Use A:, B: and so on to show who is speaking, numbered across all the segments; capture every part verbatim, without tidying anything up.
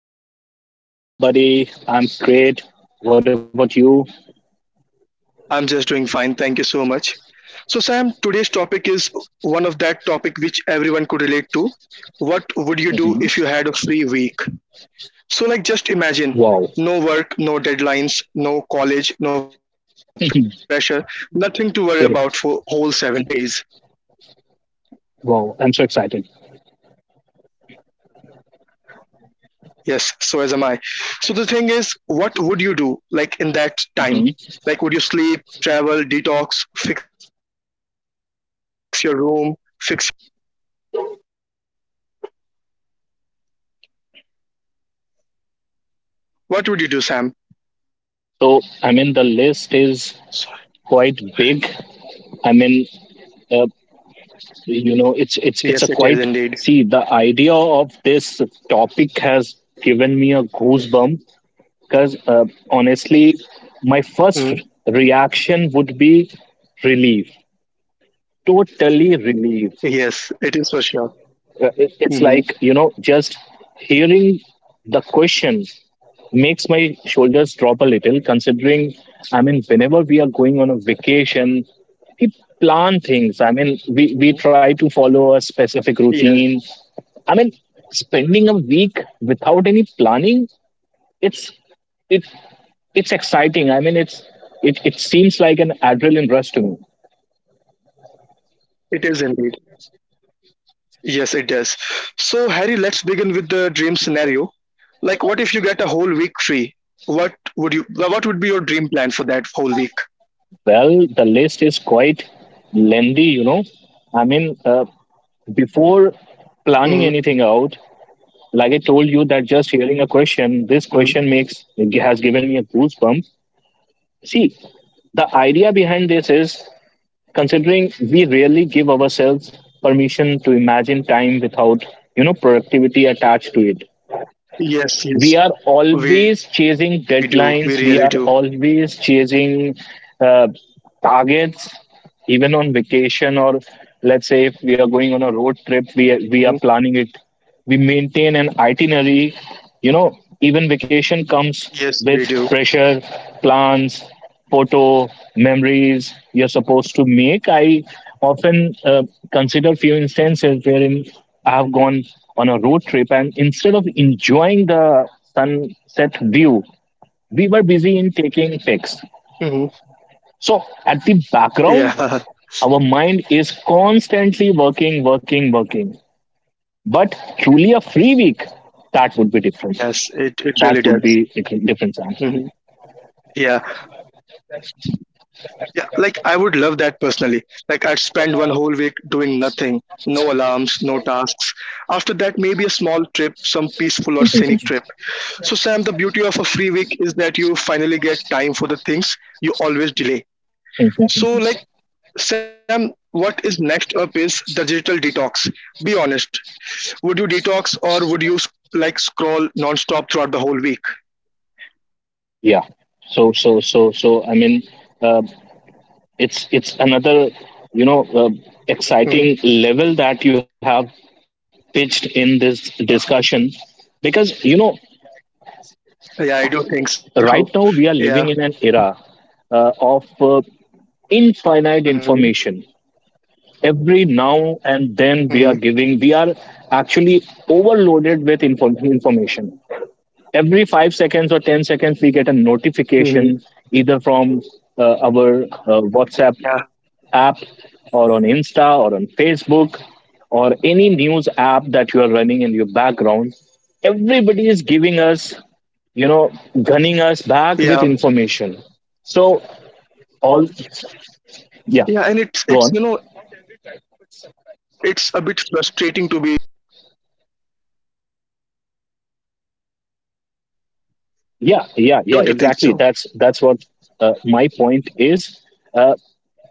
A: Hey Sammy, what's up, buddy? I'm great. What about you?
B: I'm just doing fine, thank you so much. So Sam, today's topic is one of that topic which everyone could relate to. What would you
A: hmm
B: do if you had a free week?
A: Wow,
B: So like just imagine no work, no deadlines, no college, no pressure, nothing
A: great.
B: to worry about for whole 7 days.
A: Wow, I'm so excited.
B: Yes, so as am I. So the thing is, what would you do like in that time? Like, would you sleep,
A: hmm
B: travel, detox, fix your room, fix your life, or chill like a panda on vacations? What would you do, Sam?
A: So, I mean,
B: Sorry.
A: the list is quite big. I mean, uh,
B: Yes, it
A: you know,
B: is
A: it's
B: indeed.
A: it's it's a quite see the idea of this topic has given me a goosebump because uh, honestly, my
B: Mhm.
A: first reaction would be relief, totally relief.
B: Yes, it is for sure.
A: Uh, it- It's like, you know,
B: Hmm.
A: just hearing the question makes my shoulders drop a little, considering, I mean, whenever we are going on a vacation, we plan things. I mean, we, we
B: Hmm.
A: try to follow a specific
B: Yes,
A: routine. I mean, spending a week without any planning, it's it it's exciting. I mean, it's it, it seems like an adrenaline rush to me.
B: it is indeed. Yes, it does. So, Harry, let's begin with the dream scenario. Like, what if you get a whole week free? What would you? What would be your dream plan for that whole week?
A: Well, the list is quite lengthy, you know. I mean, uh, before
B: Mm-hmm.
A: planning anything out, like I told you that just hearing a question, this
B: Mm-hmm.
A: question makes has given me a goosebump. See, the idea behind this is considering we rarely give ourselves permission to imagine time without you know productivity attached to it. We
B: Yes,
A: are
B: yes,
A: always
B: we do.
A: chasing
B: We really do.
A: deadlines, we are always chasing uh, targets, even on vacation. Or let's say if we are going on a road trip, we we are
B: Hmm.
A: planning it, we maintain an itinerary. you know Even vacation comes with
B: Yes, we
A: pressure,
B: do.
A: plans, photo memories you're supposed to make. I often uh, consider few instances wherein I have gone on a road trip, and instead of enjoying the sunset view, we were busy in taking pics.
B: Hmm.
A: So at the background,
B: Yeah.
A: our mind is constantly working, working, working. But truly a free week, that
B: Yes,
A: would be
B: it, it
A: different.
B: really does.
A: That would be different,
B: Hmm.
A: different, Sam.
B: Yeah, yeah. Like I would love that personally. Like I'd spend one whole week doing nothing, no alarms, no tasks. After that, maybe a small trip, some peaceful or scenic trip. So, Sam, the beauty of a free week is that you finally get time for the things you always delay.
A: Mhm.
B: So, like, Sam, what is next up is the digital detox. Be honest, would you detox or would you s- like scroll nonstop throughout the whole week?
A: Yeah. So, so, so, so. I mean, uh, it's it's another, you know, uh,
B: Hmm.
A: exciting level that you have pitched in this discussion, because you know,
B: Yeah, I do think
A: right
B: so.
A: now we are
B: Yeah.
A: living in an era uh, of uh, infinite
B: Hmm.
A: information. Every now and then we are
B: Hmm.
A: giving we are actually overloaded with inform- information. Every five seconds or ten seconds we get a
B: Hmm.
A: notification either from uh, our uh, WhatsApp
B: Yeah.
A: app, or on Insta, or on Facebook, or any news app that you are running in your background. Everybody is giving us, you know
B: Yeah.
A: gunning us back with information. So all,
B: Yeah. And it's it's
A: yeah,
B: you know it's a
A: go on.
B: bit frustrating to be honest. Not every time, but sometimes. Don't you think so?
A: Yeah, yeah, yeah, exactly. That's that's what uh, my point is. uh,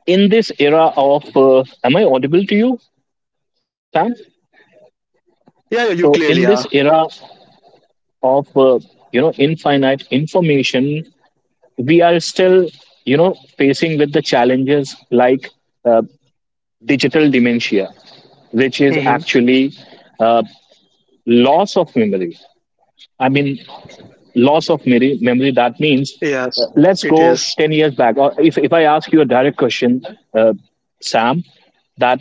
A: in this era of uh, am I audible to you, Sam?
B: Yeah. Yeah, you
A: So
B: clearly are.
A: in this era of uh, you know infinite information, we are still you know facing with the challenges, like uh, digital dementia,
B: Hmm.
A: which is actually uh, loss of memory. I mean, loss of memory, memory that
B: Yes,
A: means
B: it
A: uh,
B: is.
A: let's go ten years back. Or if, if I ask you a direct question, uh, Sam, that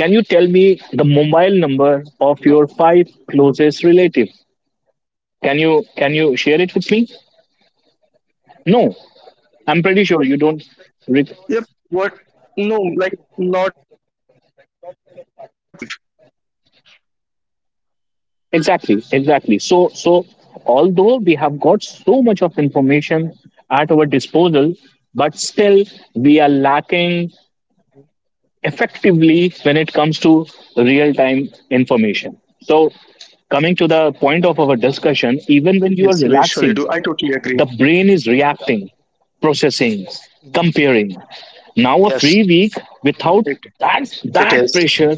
A: can you tell me the mobile number of your five closest relative?
B: Mhm.
A: Can you can you share it with me? No, I'm pretty sure you don't
B: Yep. What?
A: rec-
B: No, like not. I don't remember. I don't recall all the numbers. Like not even a five.
A: exactly, exactly. So so although we have got so much of information at our disposal, but still we are lacking
B: Mhm.
A: effectively when it comes to real time information. So, coming to the point of our
B: Yes, we
A: discussion,
B: surely do.
A: even
B: I
A: when you are
B: totally agree.
A: relaxing, the brain is reacting,
B: Mhm.
A: processing, comparing.
B: Yes.
A: Now, a free
B: Mhm.
A: week
B: it
A: without
B: it
A: that,
B: is.
A: that pressure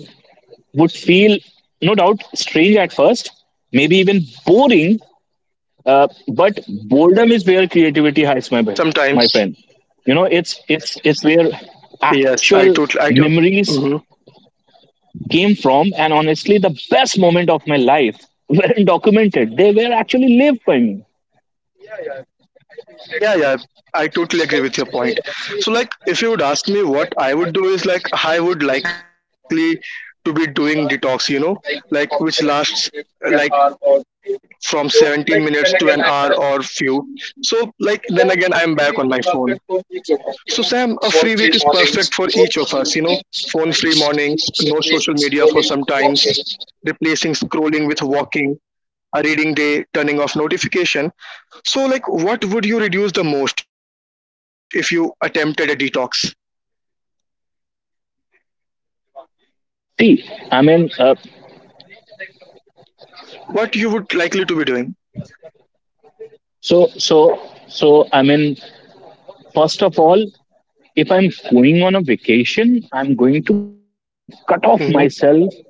A: would feel, no doubt, strange at first, maybe even boring.
B: Mhm.
A: Uh, but boredom is where
B: Sometimes,
A: creativity hides, my, br- my friend. You know, it's it's it's where
B: yes, I totally, I
A: actual
B: totally.
A: memories came from, and honestly, the best moment of my life weren't documented. They were actually lived by me.
B: Yeah, yeah, I totally agree with your point. So, like, if you would ask me what I would do is like I would likely to be doing detox, you know, like which lasts uh, like from 17 minutes to an hour or few. So, like, then again, I'm back on my phone. So, Sam, a free week is perfect for each of us, you know, phone free mornings, no social media for some times, replacing scrolling with walking, a reading day, turning off notification. So, like, what would you reduce the most if you attempted a detox?
A: See, I mean, uh,
B: What you would likely to be doing?
A: so, so, so, I mean, first of all, if I'm going on a vacation, I'm going to
B: Mm-hmm.
A: cut off myself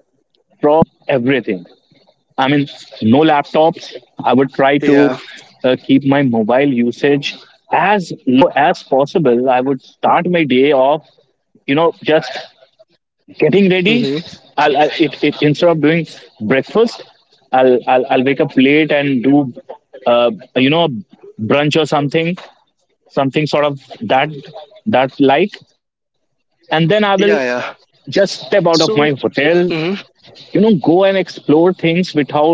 A: from everything. I mean, no laptops. I
B: Yeah.
A: would try to uh, keep my mobile usage as low as possible. I would start my day off, you know, just getting
B: Mm-hmm.
A: ready. I'll, I'll it, it instead of doing breakfast, I'll, I'll i'll wake up late and do uh, you know brunch or something something sort of that that like. And then I will just
B: Yeah,
A: step out
B: yeah.
A: of my hotel,
B: So,
A: you know
B: hmm
A: go and explore things without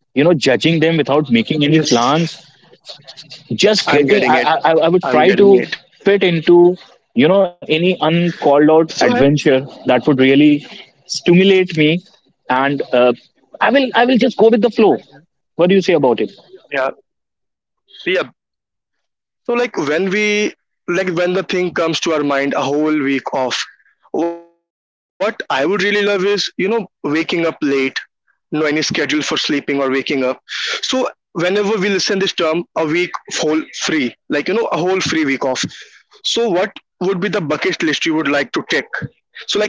A: you know judging them, without
B: yes,
A: making any plans.
B: I'm getting it.
A: Just getting I,
B: I'm
A: I i
B: getting
A: would
B: it.
A: try to
B: So,
A: fit
B: have you?
A: into, you know
B: Hmm.
A: any uncalled out adventure that would really stimulate me. And uh, i will i will just go with the flow. What do you say about it?
B: Yeah. So, yeah. So like when we, like when the thing comes to our mind a whole week off, what I would really love is, you know, waking up late, no any schedule for sleeping or waking up. So whenever we listen this term, a week whole free, like you know, a whole free week off. So what would be the bucket list you would like to tick?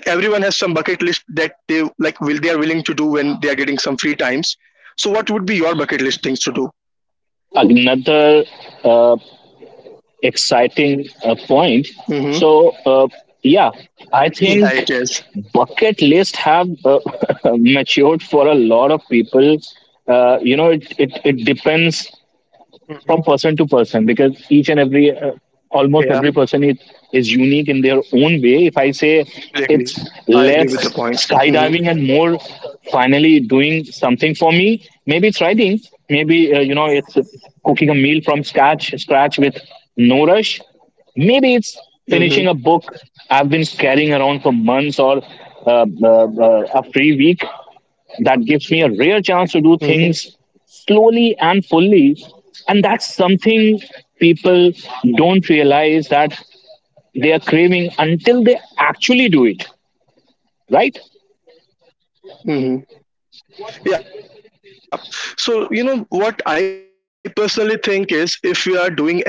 B: So like everyone has some bucket list that they like will they are willing to do when they are getting some free times. So what would be your bucket list things to do?
A: Another uh, exciting uh, point. So uh,
B: Mm-hmm.
A: yeah, I think
B: Yeah, it
A: bucket
B: is.
A: list have uh, matured for a lot of people. uh, you know it, it, it depends from person to person because each and
B: Mhm.
A: every uh, almost every person is, is unique in their
B: Yeah.
A: own way, if I say. It's less
B: Totally agree.
A: skydiving and more
B: I agree with the point.
A: finally
B: Hmm.
A: doing something for me. Maybe it's writing, maybe uh, you know it's cooking a meal from scratch scratch with no rush. Maybe it's finishing a book I've been carrying around for
B: Hmm.
A: months. Or uh, uh, uh, a free week that gives me a rare chance to do things slowly
B: Hmm.
A: and fully. And that's something people don't realize that they are craving until they actually do it, right?
B: Hmm. Yeah. So, you know, what I personally think is if we are doing anything,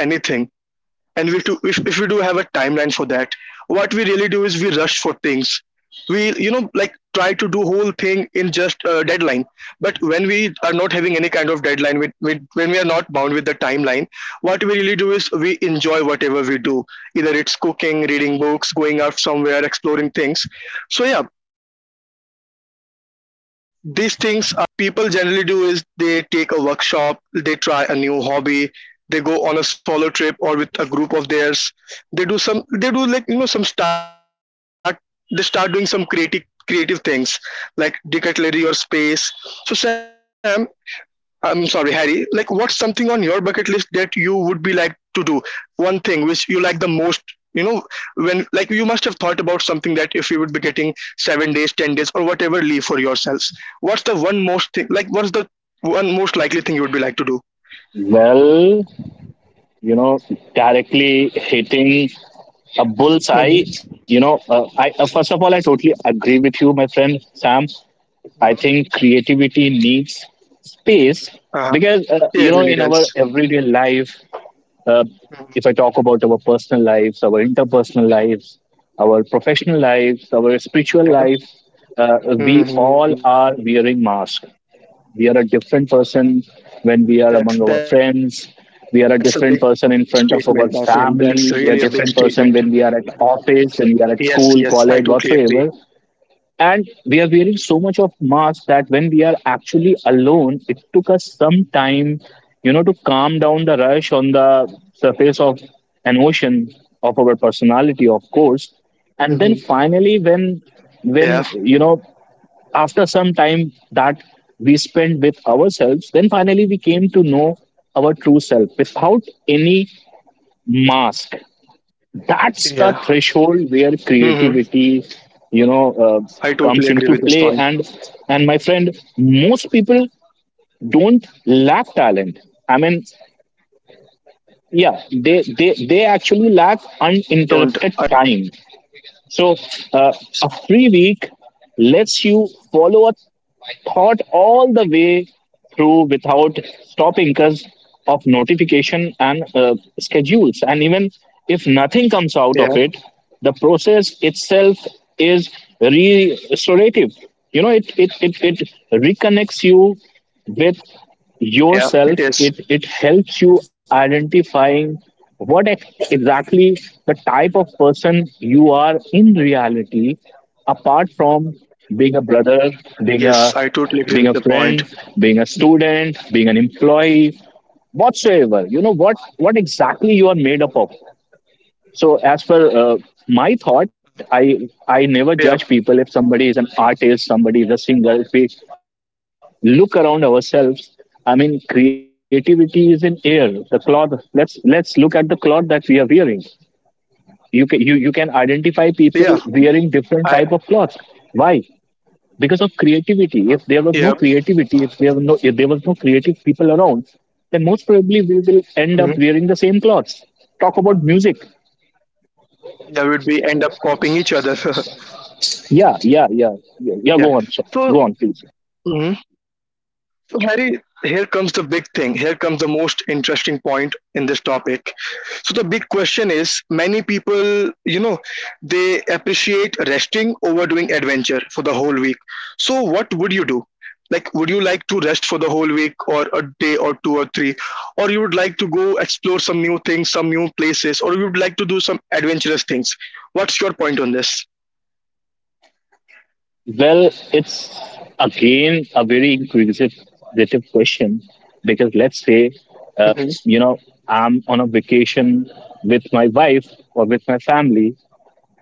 B: and we do, if, if we do have a timeline for that, what we really do is we rush for things. We, you know, like try to do whole thing in just a deadline, but when we are not having any kind of deadline, with, with when we are not bound with the timeline, what we really do is we enjoy whatever we do, either it's cooking, reading books, going out somewhere, exploring things. So yeah, these things are few of which would be in my bucket list. So like what people generally do is they take a workshop, they try a new hobby, they go on a solo trip or with a group of theirs. They do some, they do like you know some start, they start doing some creative creative things like decathlon or space. So Sam, I'm sorry, Harry. Like, what's something on your bucket list that you would be like to do? One thing which you like the most, you know, when like you must have thought about something that if you would be getting seven days, ten days, or whatever leave for yourselves, what's the one most thing? Like, what's the one most likely thing you would be like to do?
A: Well you know directly hitting a bullseye. You know uh, I
B: Mm-hmm.
A: uh, First of all, I totally agree with you, my friend, Sam. I think creativity
B: Mm-hmm.
A: needs space, because uh, you know in our
B: Uh-huh.
A: everyday life.
B: Yeah, it really does.
A: Uh, if I talk about our personal lives,
B: Mhm.
A: our interpersonal lives, our professional lives, our spiritual lives, uh, we
B: Yeah.
A: all are wearing masks.
B: Hmm.
A: We are a different person when we are among our friends.
B: That's
A: We are a
B: that's a big
A: different person in
B: statement, my
A: front of
B: friend.
A: our
B: That's really a
A: family.
B: big
A: We are a
B: statement.
A: different person when we are at office, when we are
B: Yes,
A: at
B: yes, I
A: school,
B: totally
A: college,
B: agree.
A: whatsoever. And we are wearing so much of mask that when we are actually alone, it took us some time, you know to calm down the rush on the surface of an ocean of our personality, of course. And then
B: Hmm.
A: finally, when when
B: Yeah,
A: you know after some time that we spent with ourselves, then finally we came to know our true self without any mask.
B: yeah.
A: That's the threshold where
B: Mm-hmm. I totally
A: creativity,
B: agree with this
A: you
B: point.
A: know uh, comes into play. And and my friend, most people don't lack talent. I mean, yeah, they they
B: Don't
A: they
B: I totally
A: actually
B: agree.
A: lack uninterrupted time. So uh, a free week lets you follow a thought all the way through without stopping because of notification and uh, schedules. And even if nothing
B: Yeah.
A: comes out of it, the process itself is
B: Mm-hmm.
A: re- restorative. you know it, it it it reconnects you
B: Yeah, it
A: with
B: is.
A: yourself. It it helps you identifying what ex- exactly the type of person you are in reality, apart from being a brother,
B: Yes, I
A: being a
B: totally agree with the
A: being a
B: point.
A: friend,
B: Mhm.
A: being a student, being an employee, whatsoever. you know what what exactly you are made up of. So as per uh, my thought, i i
B: Yeah.
A: never judge people, if somebody is an artist, somebody is a singer. If we look around ourselves, I mean, creativity is in air. The cloth, let's let's look at the cloth that we are wearing. You can you, you can identify people
B: Yeah.
A: wearing different
B: I
A: type of clothes. Why? Because of creativity. If
B: yeah.
A: there was no creativity, if there were no if there was no creative people around, then most probably we will
B: Mm-hmm.
A: end up wearing the same clothes. Talk about music.
B: Yeah, we'd be end up copying each other.
A: Yeah, yeah, yeah, yeah,
B: Yeah.
A: yeah, go on, sir.
B: So,
A: Go on, please.
B: mm-hmm. So, Harry, here comes the big thing. Here comes the most interesting point in this topic. So, the big question is many people, you know, they appreciate resting over doing adventure for the whole week. So, what would you do? Like, would you like to rest for the whole week or a day or two or three? Or you would like to go explore some new things, some new places, or you would like to do some adventurous things? What's your point on this?
A: Well, it's again a very inquisitive inquisitive question, because let's say, uh, you
B: Mm-hmm.
A: know, I'm on a vacation with my wife or with my family.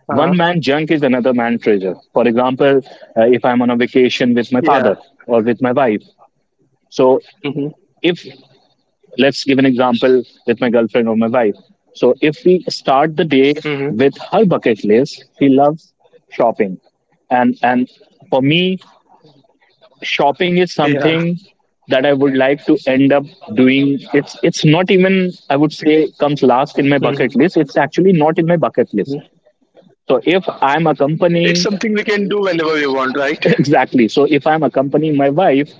A: One man
B: Uh-huh.
A: junk is another man treasure. For example, uh, if I'm on a vacation
B: Yeah.
A: with my father or with my wife, so
B: Mm-hmm.
A: if let's give an example with my girlfriend or my wife. So if we start the day with her bucket list, she loves shopping. And and for me,
B: Mm-hmm.
A: shopping is something that I would like to end up doing. It's it's not even, I would say, comes
B: Yeah.
A: last in my bucket list. It's actually not in my bucket list. So if I'm accompanying,
B: It's something we can do whenever we want, right?
A: exactly, so if I'm accompanying my wife,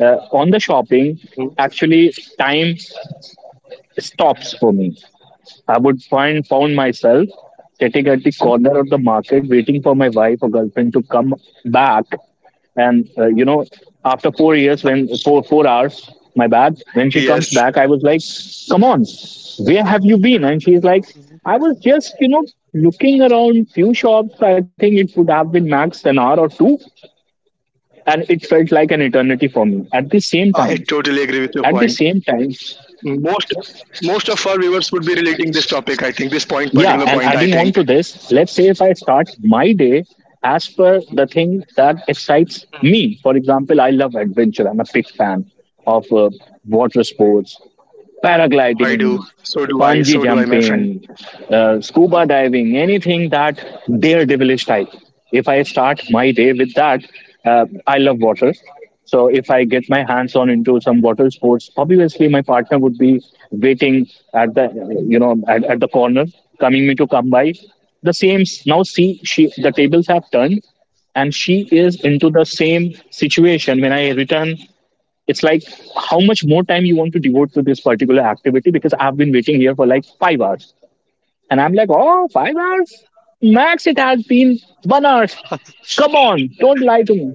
A: uh, on
B: Mhm.
A: the shopping, actually time
B: Mhm.
A: stops for me. I would find found myself
B: Yeah.
A: sitting at the corner of the market, waiting for my
B: Mhm.
A: wife or girlfriend to come back. And uh, you know, after four years, when four four hours, my
B: Yes.
A: bad. When she comes back, I was like, "Come on, where have you been?" And
B: Mhm.
A: she's like, "I was just, you know, looking around few shops. I think it would have been max an hour or two, and it felt like an eternity for
B: I
A: me." At the
B: totally agree
A: same
B: with your
A: time,
B: point.
A: at the same time
B: Most most of our viewers would be relating this topic, I think, this point, particular point, I
A: yeah, and
B: think.
A: adding on to this, let's say if I start my day as per
B: Mhm.
A: the thing that excites
B: Mhm.
A: me. For example, I love adventure. I'm a big fan of uh, water sports,
B: I
A: paragliding,
B: do. So do I.
A: bungee
B: So do I, my friend.
A: jumping, uh, scuba
B: Mhm.
A: diving, anything that daredevilish type. If I start my day with that, uh, I love water. So if I get my hands
B: Mhm.
A: on into some water sports, obviously my partner would be waiting at the you know at, at the corner, coming me to come by. The same s- now see, she the tables have turned
B: Mhm.
A: and she is into the same situation. When I return, it's like, "How much more time you want to devote to this particular activity? Because I've been waiting here for like five hours." And I'm like, "Oh, five hours? Max it has been one hour. Come on, don't lie to me."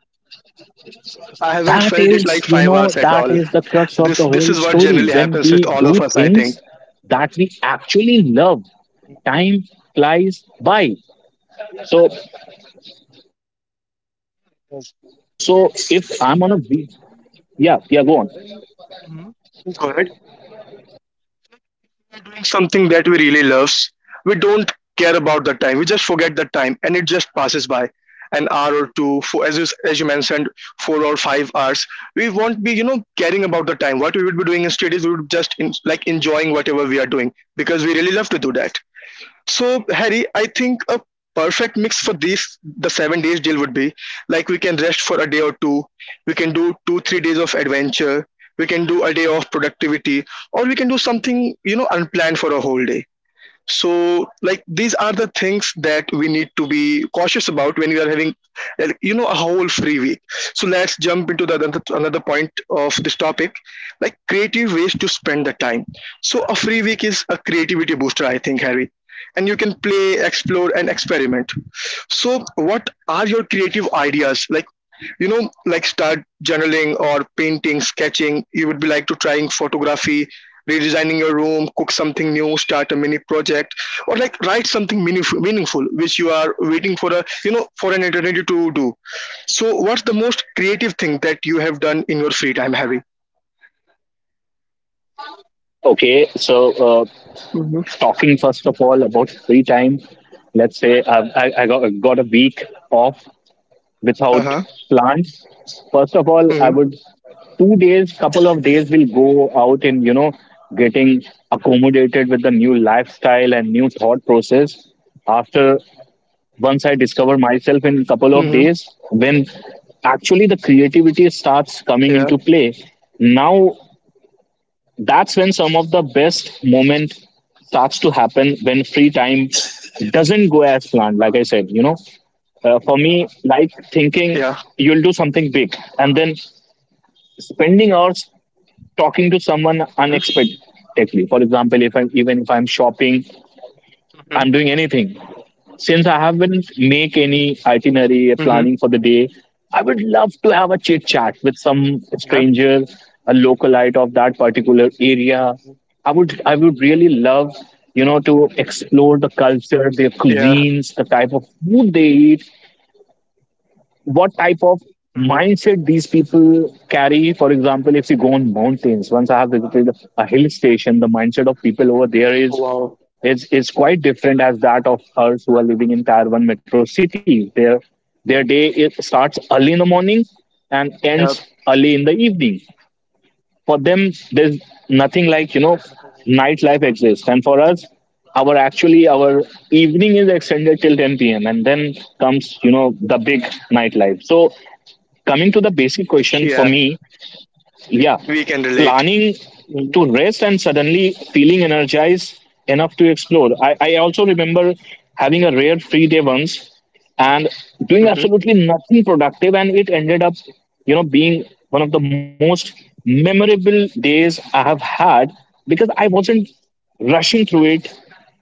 B: I haven't felt it like five hours at
A: That
B: all.
A: is, you know
B: This this
A: that
B: is
A: is
B: what
A: the
B: generally
A: crux of the
B: happens with
A: whole
B: all of us,
A: story.
B: I
A: When
B: think.
A: we do things that we actually
B: Mhm.
A: love, time flies by. so so so
B: Yes.
A: so if I'm on a beach, yeah, yeah, go on.
B: Mhm. Go ahead. Doing something that we really loves, we don't care about the time. We just forget the time, and it just passes by an hour or two. For as you as you mentioned, four or five hours. We won't be you know caring about the time. What we would be doing instead is we would just in, like enjoying whatever we are doing, because we really love to do that. So, Harry, I think a perfect mix for these the seven days deal would be like we can rest for a day or two, we can do two, three days of adventure, we can do a day of productivity, or we can do something you know unplanned for a whole day. So like these are the things that we need to be cautious about when we are having, like, you know a whole free week. So let's jump into the another, another point of this topic, like creative ways to spend the time. So a free week is a creativity booster, I think, Harry, and you can play, explore, and experiment. So what are your creative ideas, like, you know, like start journaling or painting, sketching, you would be like to trying photography, redesigning your room, cook something new, start a mini project, or like write something meaningful meaningful which you are waiting for, a you know, for an eternity to do. So what's the most creative thing that you have done in your free time, Harry?
A: Okay. So, uh,
B: Mm-hmm.
A: talking first of all about free time. Let's say I, I, I got, got a week off without
B: Uh-huh.
A: plans. First of all, I
B: Mm-hmm.
A: would two days, couple of days will go out in, you know getting accommodated with the new lifestyle and new thought process. After
B: Mm-hmm.
A: once I discover myself in couple of days, when
B: Yeah.
A: actually the creativity starts coming into play. Now
B: Mm-hmm.
A: that's when some of the best moment starts to happen, when free time doesn't go as planned. Like I said, you know uh, for me,
B: Yeah.
A: like, thinking you'll do something big and then
B: Mm-hmm.
A: spending hours talking to someone unexpectedly. For example, if i'm
B: Mm-hmm.
A: even if I'm shopping, I'm doing anything. Since I haven't make any itinerary planning for the day, I would love to have a chit
B: Yeah.
A: chat with some stranger, a localite of that
B: Mm-hmm.
A: particular area. I would I would really love, you know to explore the culture,
B: Yeah.
A: their cuisines, the type of food they eat, what type of
B: Hmm.
A: mindset these people carry. For example, if you go on mountains, once I have visited a hill station, the mindset of people over there
B: Wow.
A: is is is quite different as that of us who are living in Tier One metro city. Their their day, it
B: Yeah.
A: starts early in the morning and ends early in the evening. For them,
B: Mhm.
A: there's nothing like, you know nightlife exists. And for us, our actually our evening is extended till ten p m, and then comes, you know the big
B: Yeah.
A: nightlife. So coming to the
B: We
A: basic
B: can
A: question
B: relate.
A: for me,
B: Mm-hmm.
A: yeah, planning to rest and suddenly feeling energized enough to explore. I, I also remember having a rare free day once and doing absolutely nothing productive, and it ended up, you know, being one of the most memorable days I have had, because I wasn't rushing through it.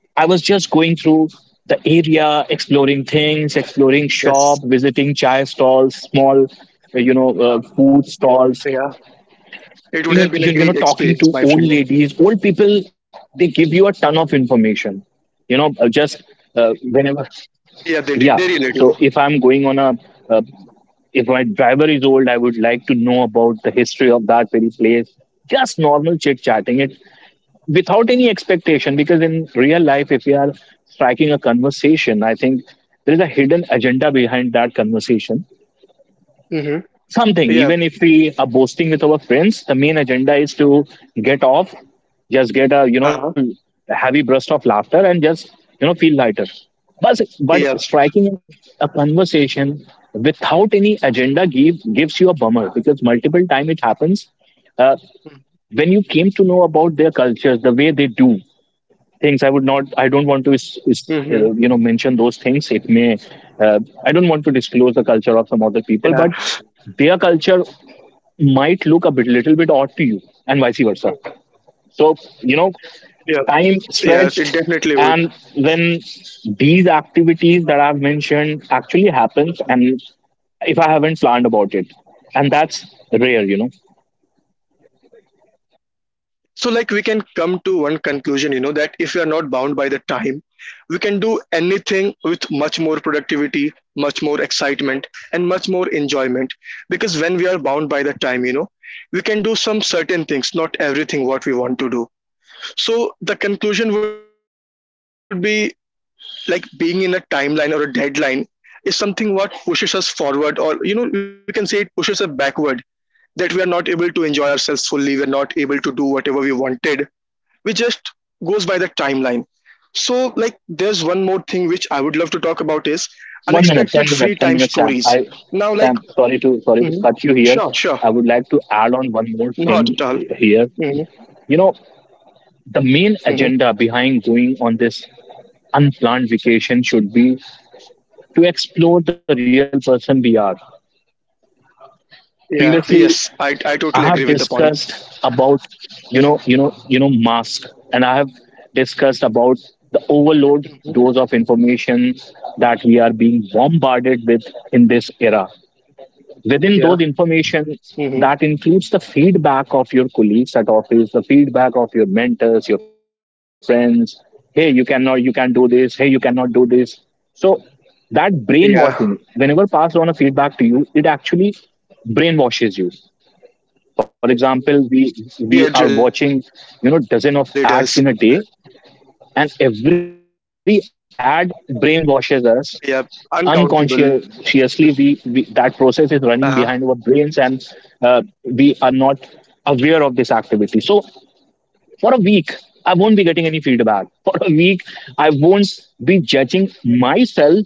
A: I was just going through the
B: Yes.
A: area, exploring things, exploring shop, visiting chai stalls, small,
B: Yeah.
A: uh, you know, uh, food
B: It would have
A: stalls.
B: been a great experience, my friend.
A: You, you, you know, talking to old ladies, old people, they give you a ton of information. You know, uh, just uh,
B: Yeah, they
A: whenever,
B: did. They really do.
A: yeah. So if I'm going on a, uh, if my driver is old, I would like to know about the history of that very place. Just normal chit chatting. It, without any expectation, because in real life, if we are striking a conversation, I think there is a hidden agenda behind that conversation. Something,
B: Mm-hmm.
A: even if we are
B: Yeah.
A: boasting with our friends, the main agenda is to get off, just get a, you know heavy burst
B: Uh-huh.
A: of laughter and just, you know feel lighter. But but striking a
B: Yeah.
A: conversation without any agenda give, gives you a bummer, because multiple time it happens, uh, when you came to know about their cultures, the way they do things. I would not, I don't want to is,
B: Mm-hmm.
A: is, uh, you know, mention those things. It may, uh, I don't want to disclose the
B: Yeah.
A: culture of some other people, but their culture might look a bit little bit odd to you and vice versa. So, you know,
B: Yeah. Yeah.
A: time
B: It definitely
A: stretched.
B: would.
A: And when these activities that I've mentioned actually happens, and if I haven't planned about it, and that's rare, you know.
B: So, like, we can come to one conclusion, you know, that if we are not bound by the time, we can do anything with much more productivity, much more excitement, and much more enjoyment. Because when we are bound by the time, you know, we can do some certain things, not everything what we want to do. So, the conclusion would be like being in a timeline or a deadline is something what pushes us forward, or you know we can say it pushes us backward, that we are not able to enjoy ourselves fully, we are not able to do whatever we wanted, we just goes by the timeline. So like there's one more thing which I would love to talk about, is unexpected free
A: One
B: time
A: minute, one minute,
B: stories
A: one minute, Sam.
B: now,
A: I,
B: like
A: Sam, sorry
B: Mhm.
A: to sorry to
B: Sure,
A: cut you
B: sure.
A: here. I would like to add on one
B: Not
A: more
B: at all.
A: thing
B: Hmm.
A: here. You know, the main
B: Hmm.
A: agenda behind going on this unplanned vacation should be to explore the real person we are.
B: Yeah,
A: Previously,
B: yes, i
A: I have
B: i totally agree with the
A: discussed
B: point.
A: about, you know you know you know mask, and I have discussed about the overload
B: Hmm.
A: dose of information that we are being bombarded with in this era. Within
B: Yeah.
A: those information,
B: Hmm.
A: that includes the feedback of your colleagues at office, the feedback of your mentors, your friends. Hey, you cannot, you can do this. Hey, you
B: Hmm.
A: cannot do this. So that brainwashing,
B: Yeah,
A: whenever passed on a feedback to you, it actually brainwashes you. For example, we
B: yeah, it really
A: we
B: does.
A: are watching, you know, dozen of ads in a day, and every ad
B: Yep.
A: brainwashes us
B: Uncountable. Uh-huh.
A: unconsciously. We, we that process is running behind our brains. And, uh, we are not aware of this activity. So for a week, I won't be getting any feedback for a week. I won't be judging
B: Yes.
A: myself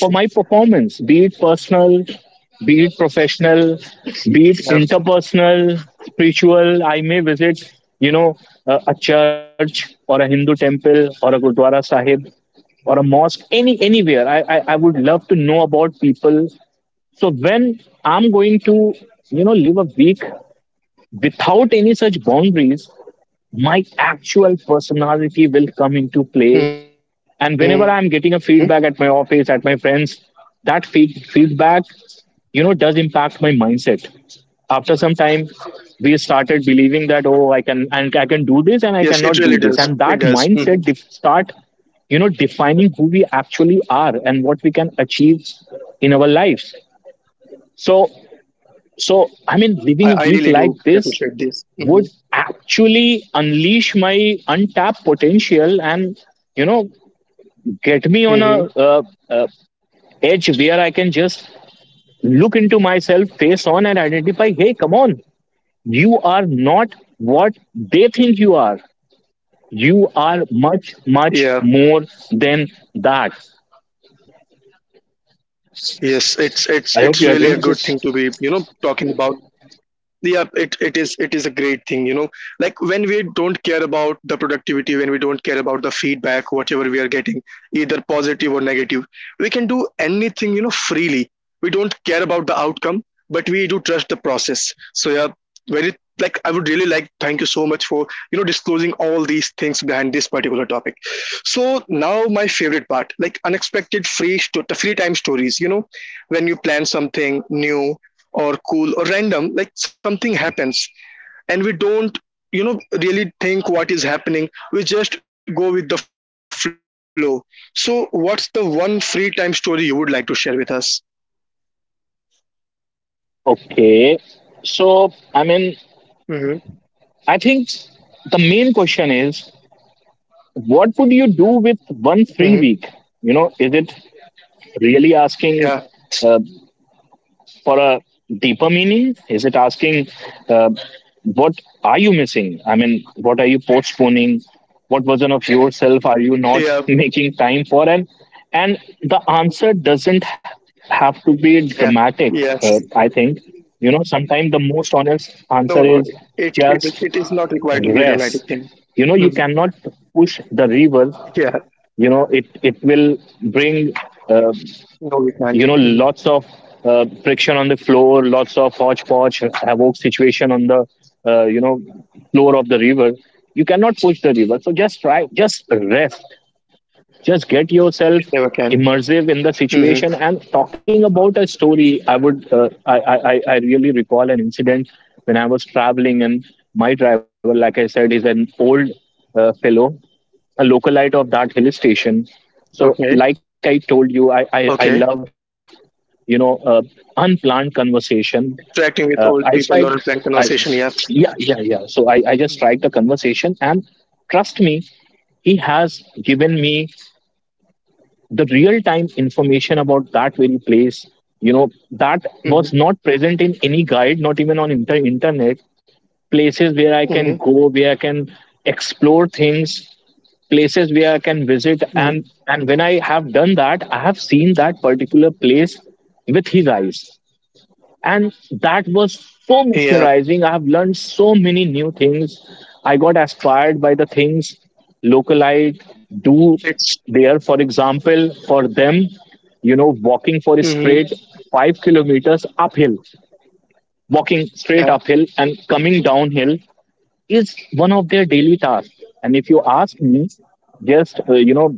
A: for my performance, be it personal, be it
B: Yep.
A: professional, be it interpersonal, spiritual. I may visit, you know, a, a church or a Hindu temple or a gurdwara sahib or a mosque,
B: Mhm.
A: any anywhere.
B: Mhm.
A: I, I i would love to know about people. So when I'm going to, you know, live a week without any such boundaries,
B: Mhm.
A: my actual personality will come into play. And whenever I'm getting a feedback at my office,
B: Yeah.
A: at my friends, that feed, feedback, you
B: Mhm.
A: know, does impact my mindset. After some time, we
B: Yes,
A: started
B: it really
A: believing that,
B: does.
A: "Oh,
B: It
A: I can,
B: does.
A: and I
B: Mhm.
A: can do this, and I cannot do this." And that mindset def- start, you know, defining who we actually are and what we can achieve in our lives. So, so
B: That's
A: I
B: that's a
A: mean,
B: very good
A: living a week
B: statement, my
A: like
B: friend. I,
A: this
B: I really do
A: would
B: appreciate this. Mhm.
A: actually unleash my untapped potential and, you know, get me on a, uh, uh,
B: Mhm.
A: edge where I can just look into myself face on and identify, "Hey, come on, you are not what they think you are. You are much,
B: Yeah.
A: much more than that."
B: Yes, it's it's
A: I
B: it's
A: hope you
B: really a
A: agree with
B: good thing
A: this.
B: to be, you know, talking about. Yeah, it, it is, it is a great thing, you know, like when we don't care about the productivity, when we don't care about the feedback whatever we are getting, either positive or negative, we can do anything, you know, freely. We don't care about the outcome, but we do trust the process. So yeah, very, like I would really like thank you so much for, you know, disclosing all these things behind this particular topic. So now my favorite part, like unexpected free sto- the free time stories, you know, when you plan something new or cool or random, like something happens and we don't, you know, really think what is happening, we just go with the flow. So what's the one free time story you would like to share with us?
A: Okay. So, I mean,
B: Mm-hmm.
A: I think the main question is, what would
B: Mm-hmm.
A: you do with one free week? You know, is it
B: Yeah.
A: really asking, uh, for a deeper meaning? Is it asking, uh, what are you missing? I mean, what are you postponing? What version of
B: Yeah,
A: yourself are you not making time for? And and the
B: yeah,
A: answer doesn't
B: yes.
A: have to be dramatic. Uh, I think,
B: No,
A: you know,
B: no,
A: sometimes the
B: it it
A: most
B: it is
A: honest
B: not
A: answer
B: required to
A: is
B: be a dramatic thing.
A: just
B: Mhm.
A: rest. You know, you cannot
B: Yeah.
A: push the river. You know, it it will
B: No,
A: bring,
B: we can't.
A: Uh,
B: Mhm.
A: you know, lots of, uh, friction on the floor, lots of hodgepodge havoc situation on the, uh, you know, floor of the river. You cannot push the river, so just try, just
B: We
A: rest,
B: never can.
A: just get
B: Hmm.
A: yourself immersive in the situation. And talking about a story, I would, uh, I, I i I really recall an incident when I was traveling. And my driver, like I said, is an old, uh, fellow, a localite of that hill
B: Okay.
A: station. So like I told
B: Okay,
A: you, I I, I love, you know, uh, unplanned conversation.
B: interacting
A: Uh,
B: with
A: I
B: old
A: strike,
B: people or plant
A: I
B: conversation, yeah.
A: Yeah, yeah, yeah. So I I just strike the conversation, and trust me, he has given me the real time information about that very place. You know, that
B: Mm-hmm.
A: was not present in any guide, not even on inter- internet. Places where
B: Mm-hmm.
A: I can go, where I can explore things, places where I can visit. And and when I have done that, I have seen that particular place with his eyes, and that was
B: Mm-hmm.
A: so mesmerizing. I have learned so many new things. I got inspired by the things localite
B: It's
A: do
B: Hmm.
A: there. For example, for them, you know, walking for a straight
B: Yeah.
A: five kilometers uphill, walking straight uphill and coming downhill, is one of their daily tasks. And if you ask me, just, uh, you know,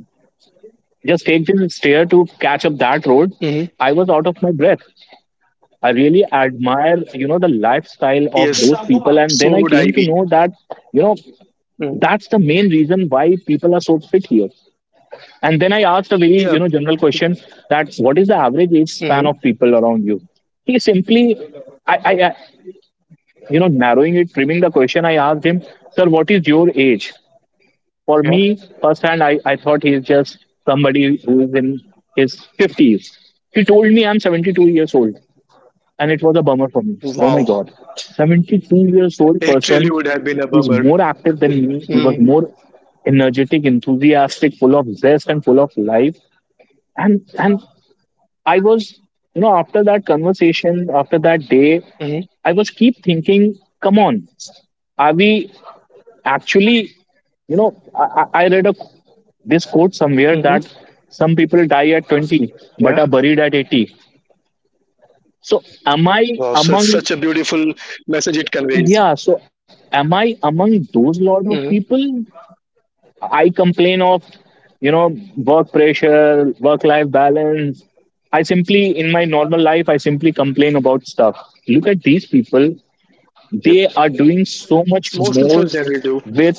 A: just take
B: Hmm.
A: this stair to catch up that road, I was out of my breath. I really
B: Yes,
A: admire,
B: so
A: you
B: would
A: know, the
B: I be.
A: lifestyle of those people. And then I
B: Hmm.
A: came to know that, you know, that's the main reason why people are so fit here. And then I asked a
B: Yeah.
A: very, you know, general question, that what is the average age
B: Hmm.
A: span of people around you? He simply, I, I, I you know, narrowing it, trimming the question, I asked him,
B: Yeah.
A: sir, what is your age? For me, firsthand, I, I thought he's just somebody who is in his fifties. He told me, I'm seventy-two years old, and it was a bummer for me.
B: Wow.
A: Oh my God, seventy-two years
B: It
A: old
B: really would have
A: person,
B: been a bummer.
A: he's more active than me.
B: Hmm.
A: He was more energetic, enthusiastic, full of zest and full of life. And and I was, you know, after that
B: Hmm.
A: conversation, after that day, I was keep thinking, come on, are we actually, you know, I, I I read a this
B: Hmm.
A: quote somewhere, that some people die
B: Yeah.
A: at twenty but are buried at eighty, so
B: Wow. Such
A: am I
B: such a
A: among,
B: beautiful message it conveys.
A: yeah, so am I among those
B: Hmm.
A: lot of people? I complain of, you know, work pressure, work
B: Hmm.
A: life balance. I simply, in my normal life, I simply complain about stuff. Look at these people,
B: Yep.
A: they are doing so
B: Most
A: much
B: of us
A: more
B: generally do.
A: with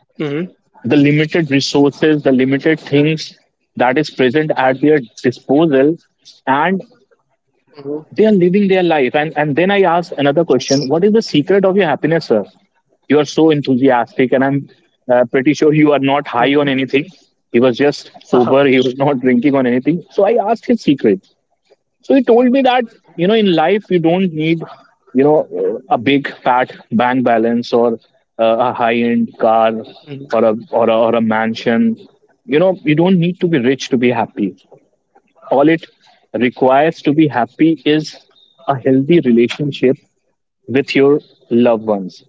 B: Hmm.
A: the limited resources, the limited things that is present at their disposal, and
B: Hmm.
A: they are living their life. and and then I ask another question, what
B: Yes.
A: is the secret of your happiness, sir? You are so enthusiastic, and I'm, uh, pretty sure you are not high on anything.
B: Hmm.
A: He was just sober, he was not
B: Hmm.
A: drinking on anything. So I asked his secret. So he told me that, you know, in life, you don't need, you know, a big fat bank balance or, uh, a high end car, or a, or a or a mansion. You know, you don't need to be rich to be happy. All it requires to be happy is a healthy relationship with your loved ones.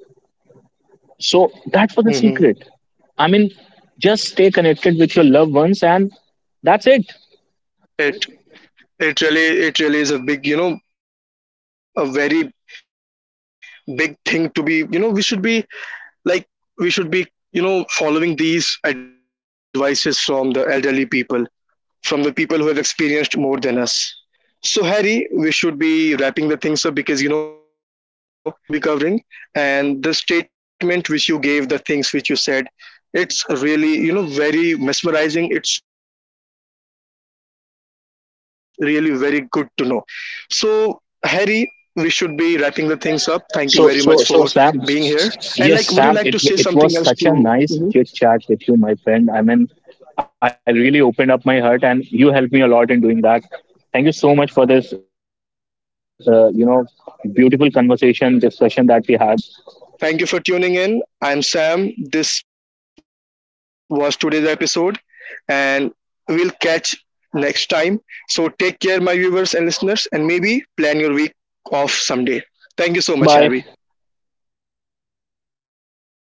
A: So that was the
B: Hmm.
A: secret. I mean, just stay connected with your loved ones, and that's it.
B: It it really it really is a big, you know, a very big thing to be, you know, we should be, like we should be, you know, following these advices from the elderly people, from the people who have experienced more than us. So Harry, we should be wrapping the things up, because you know we like we likely covered all the topics we were likely to be covering, and the statement which you gave, the things which you said, it's really you know very mesmerizing. It's really very good to know. So Harry, we should be wrapping the things up. Thank you very much for being here. And
A: So,
B: like, would you
A: so,
B: like
A: so,
B: to say
A: Sam.
B: something else to?
A: Yes, Sam.
B: Mhm.
A: It it was such a nice chit chat with you, my friend. I mean, I really opened up my heart, and you helped me a lot in doing that. Thank you so much for this, uh, you know, beautiful conversation
B: Thank, thank you
A: discussion
B: so
A: that we
B: much,
A: had.
B: Harry, for being with us. Thank you for tuning in. I'm Sam. This was today's episode, and we'll catch next time. So take care, my viewers and listeners, and maybe plan your week off someday. Thank you so
A: Bye
B: much, Harry.
A: bye.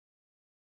B: Bye bye, everyone.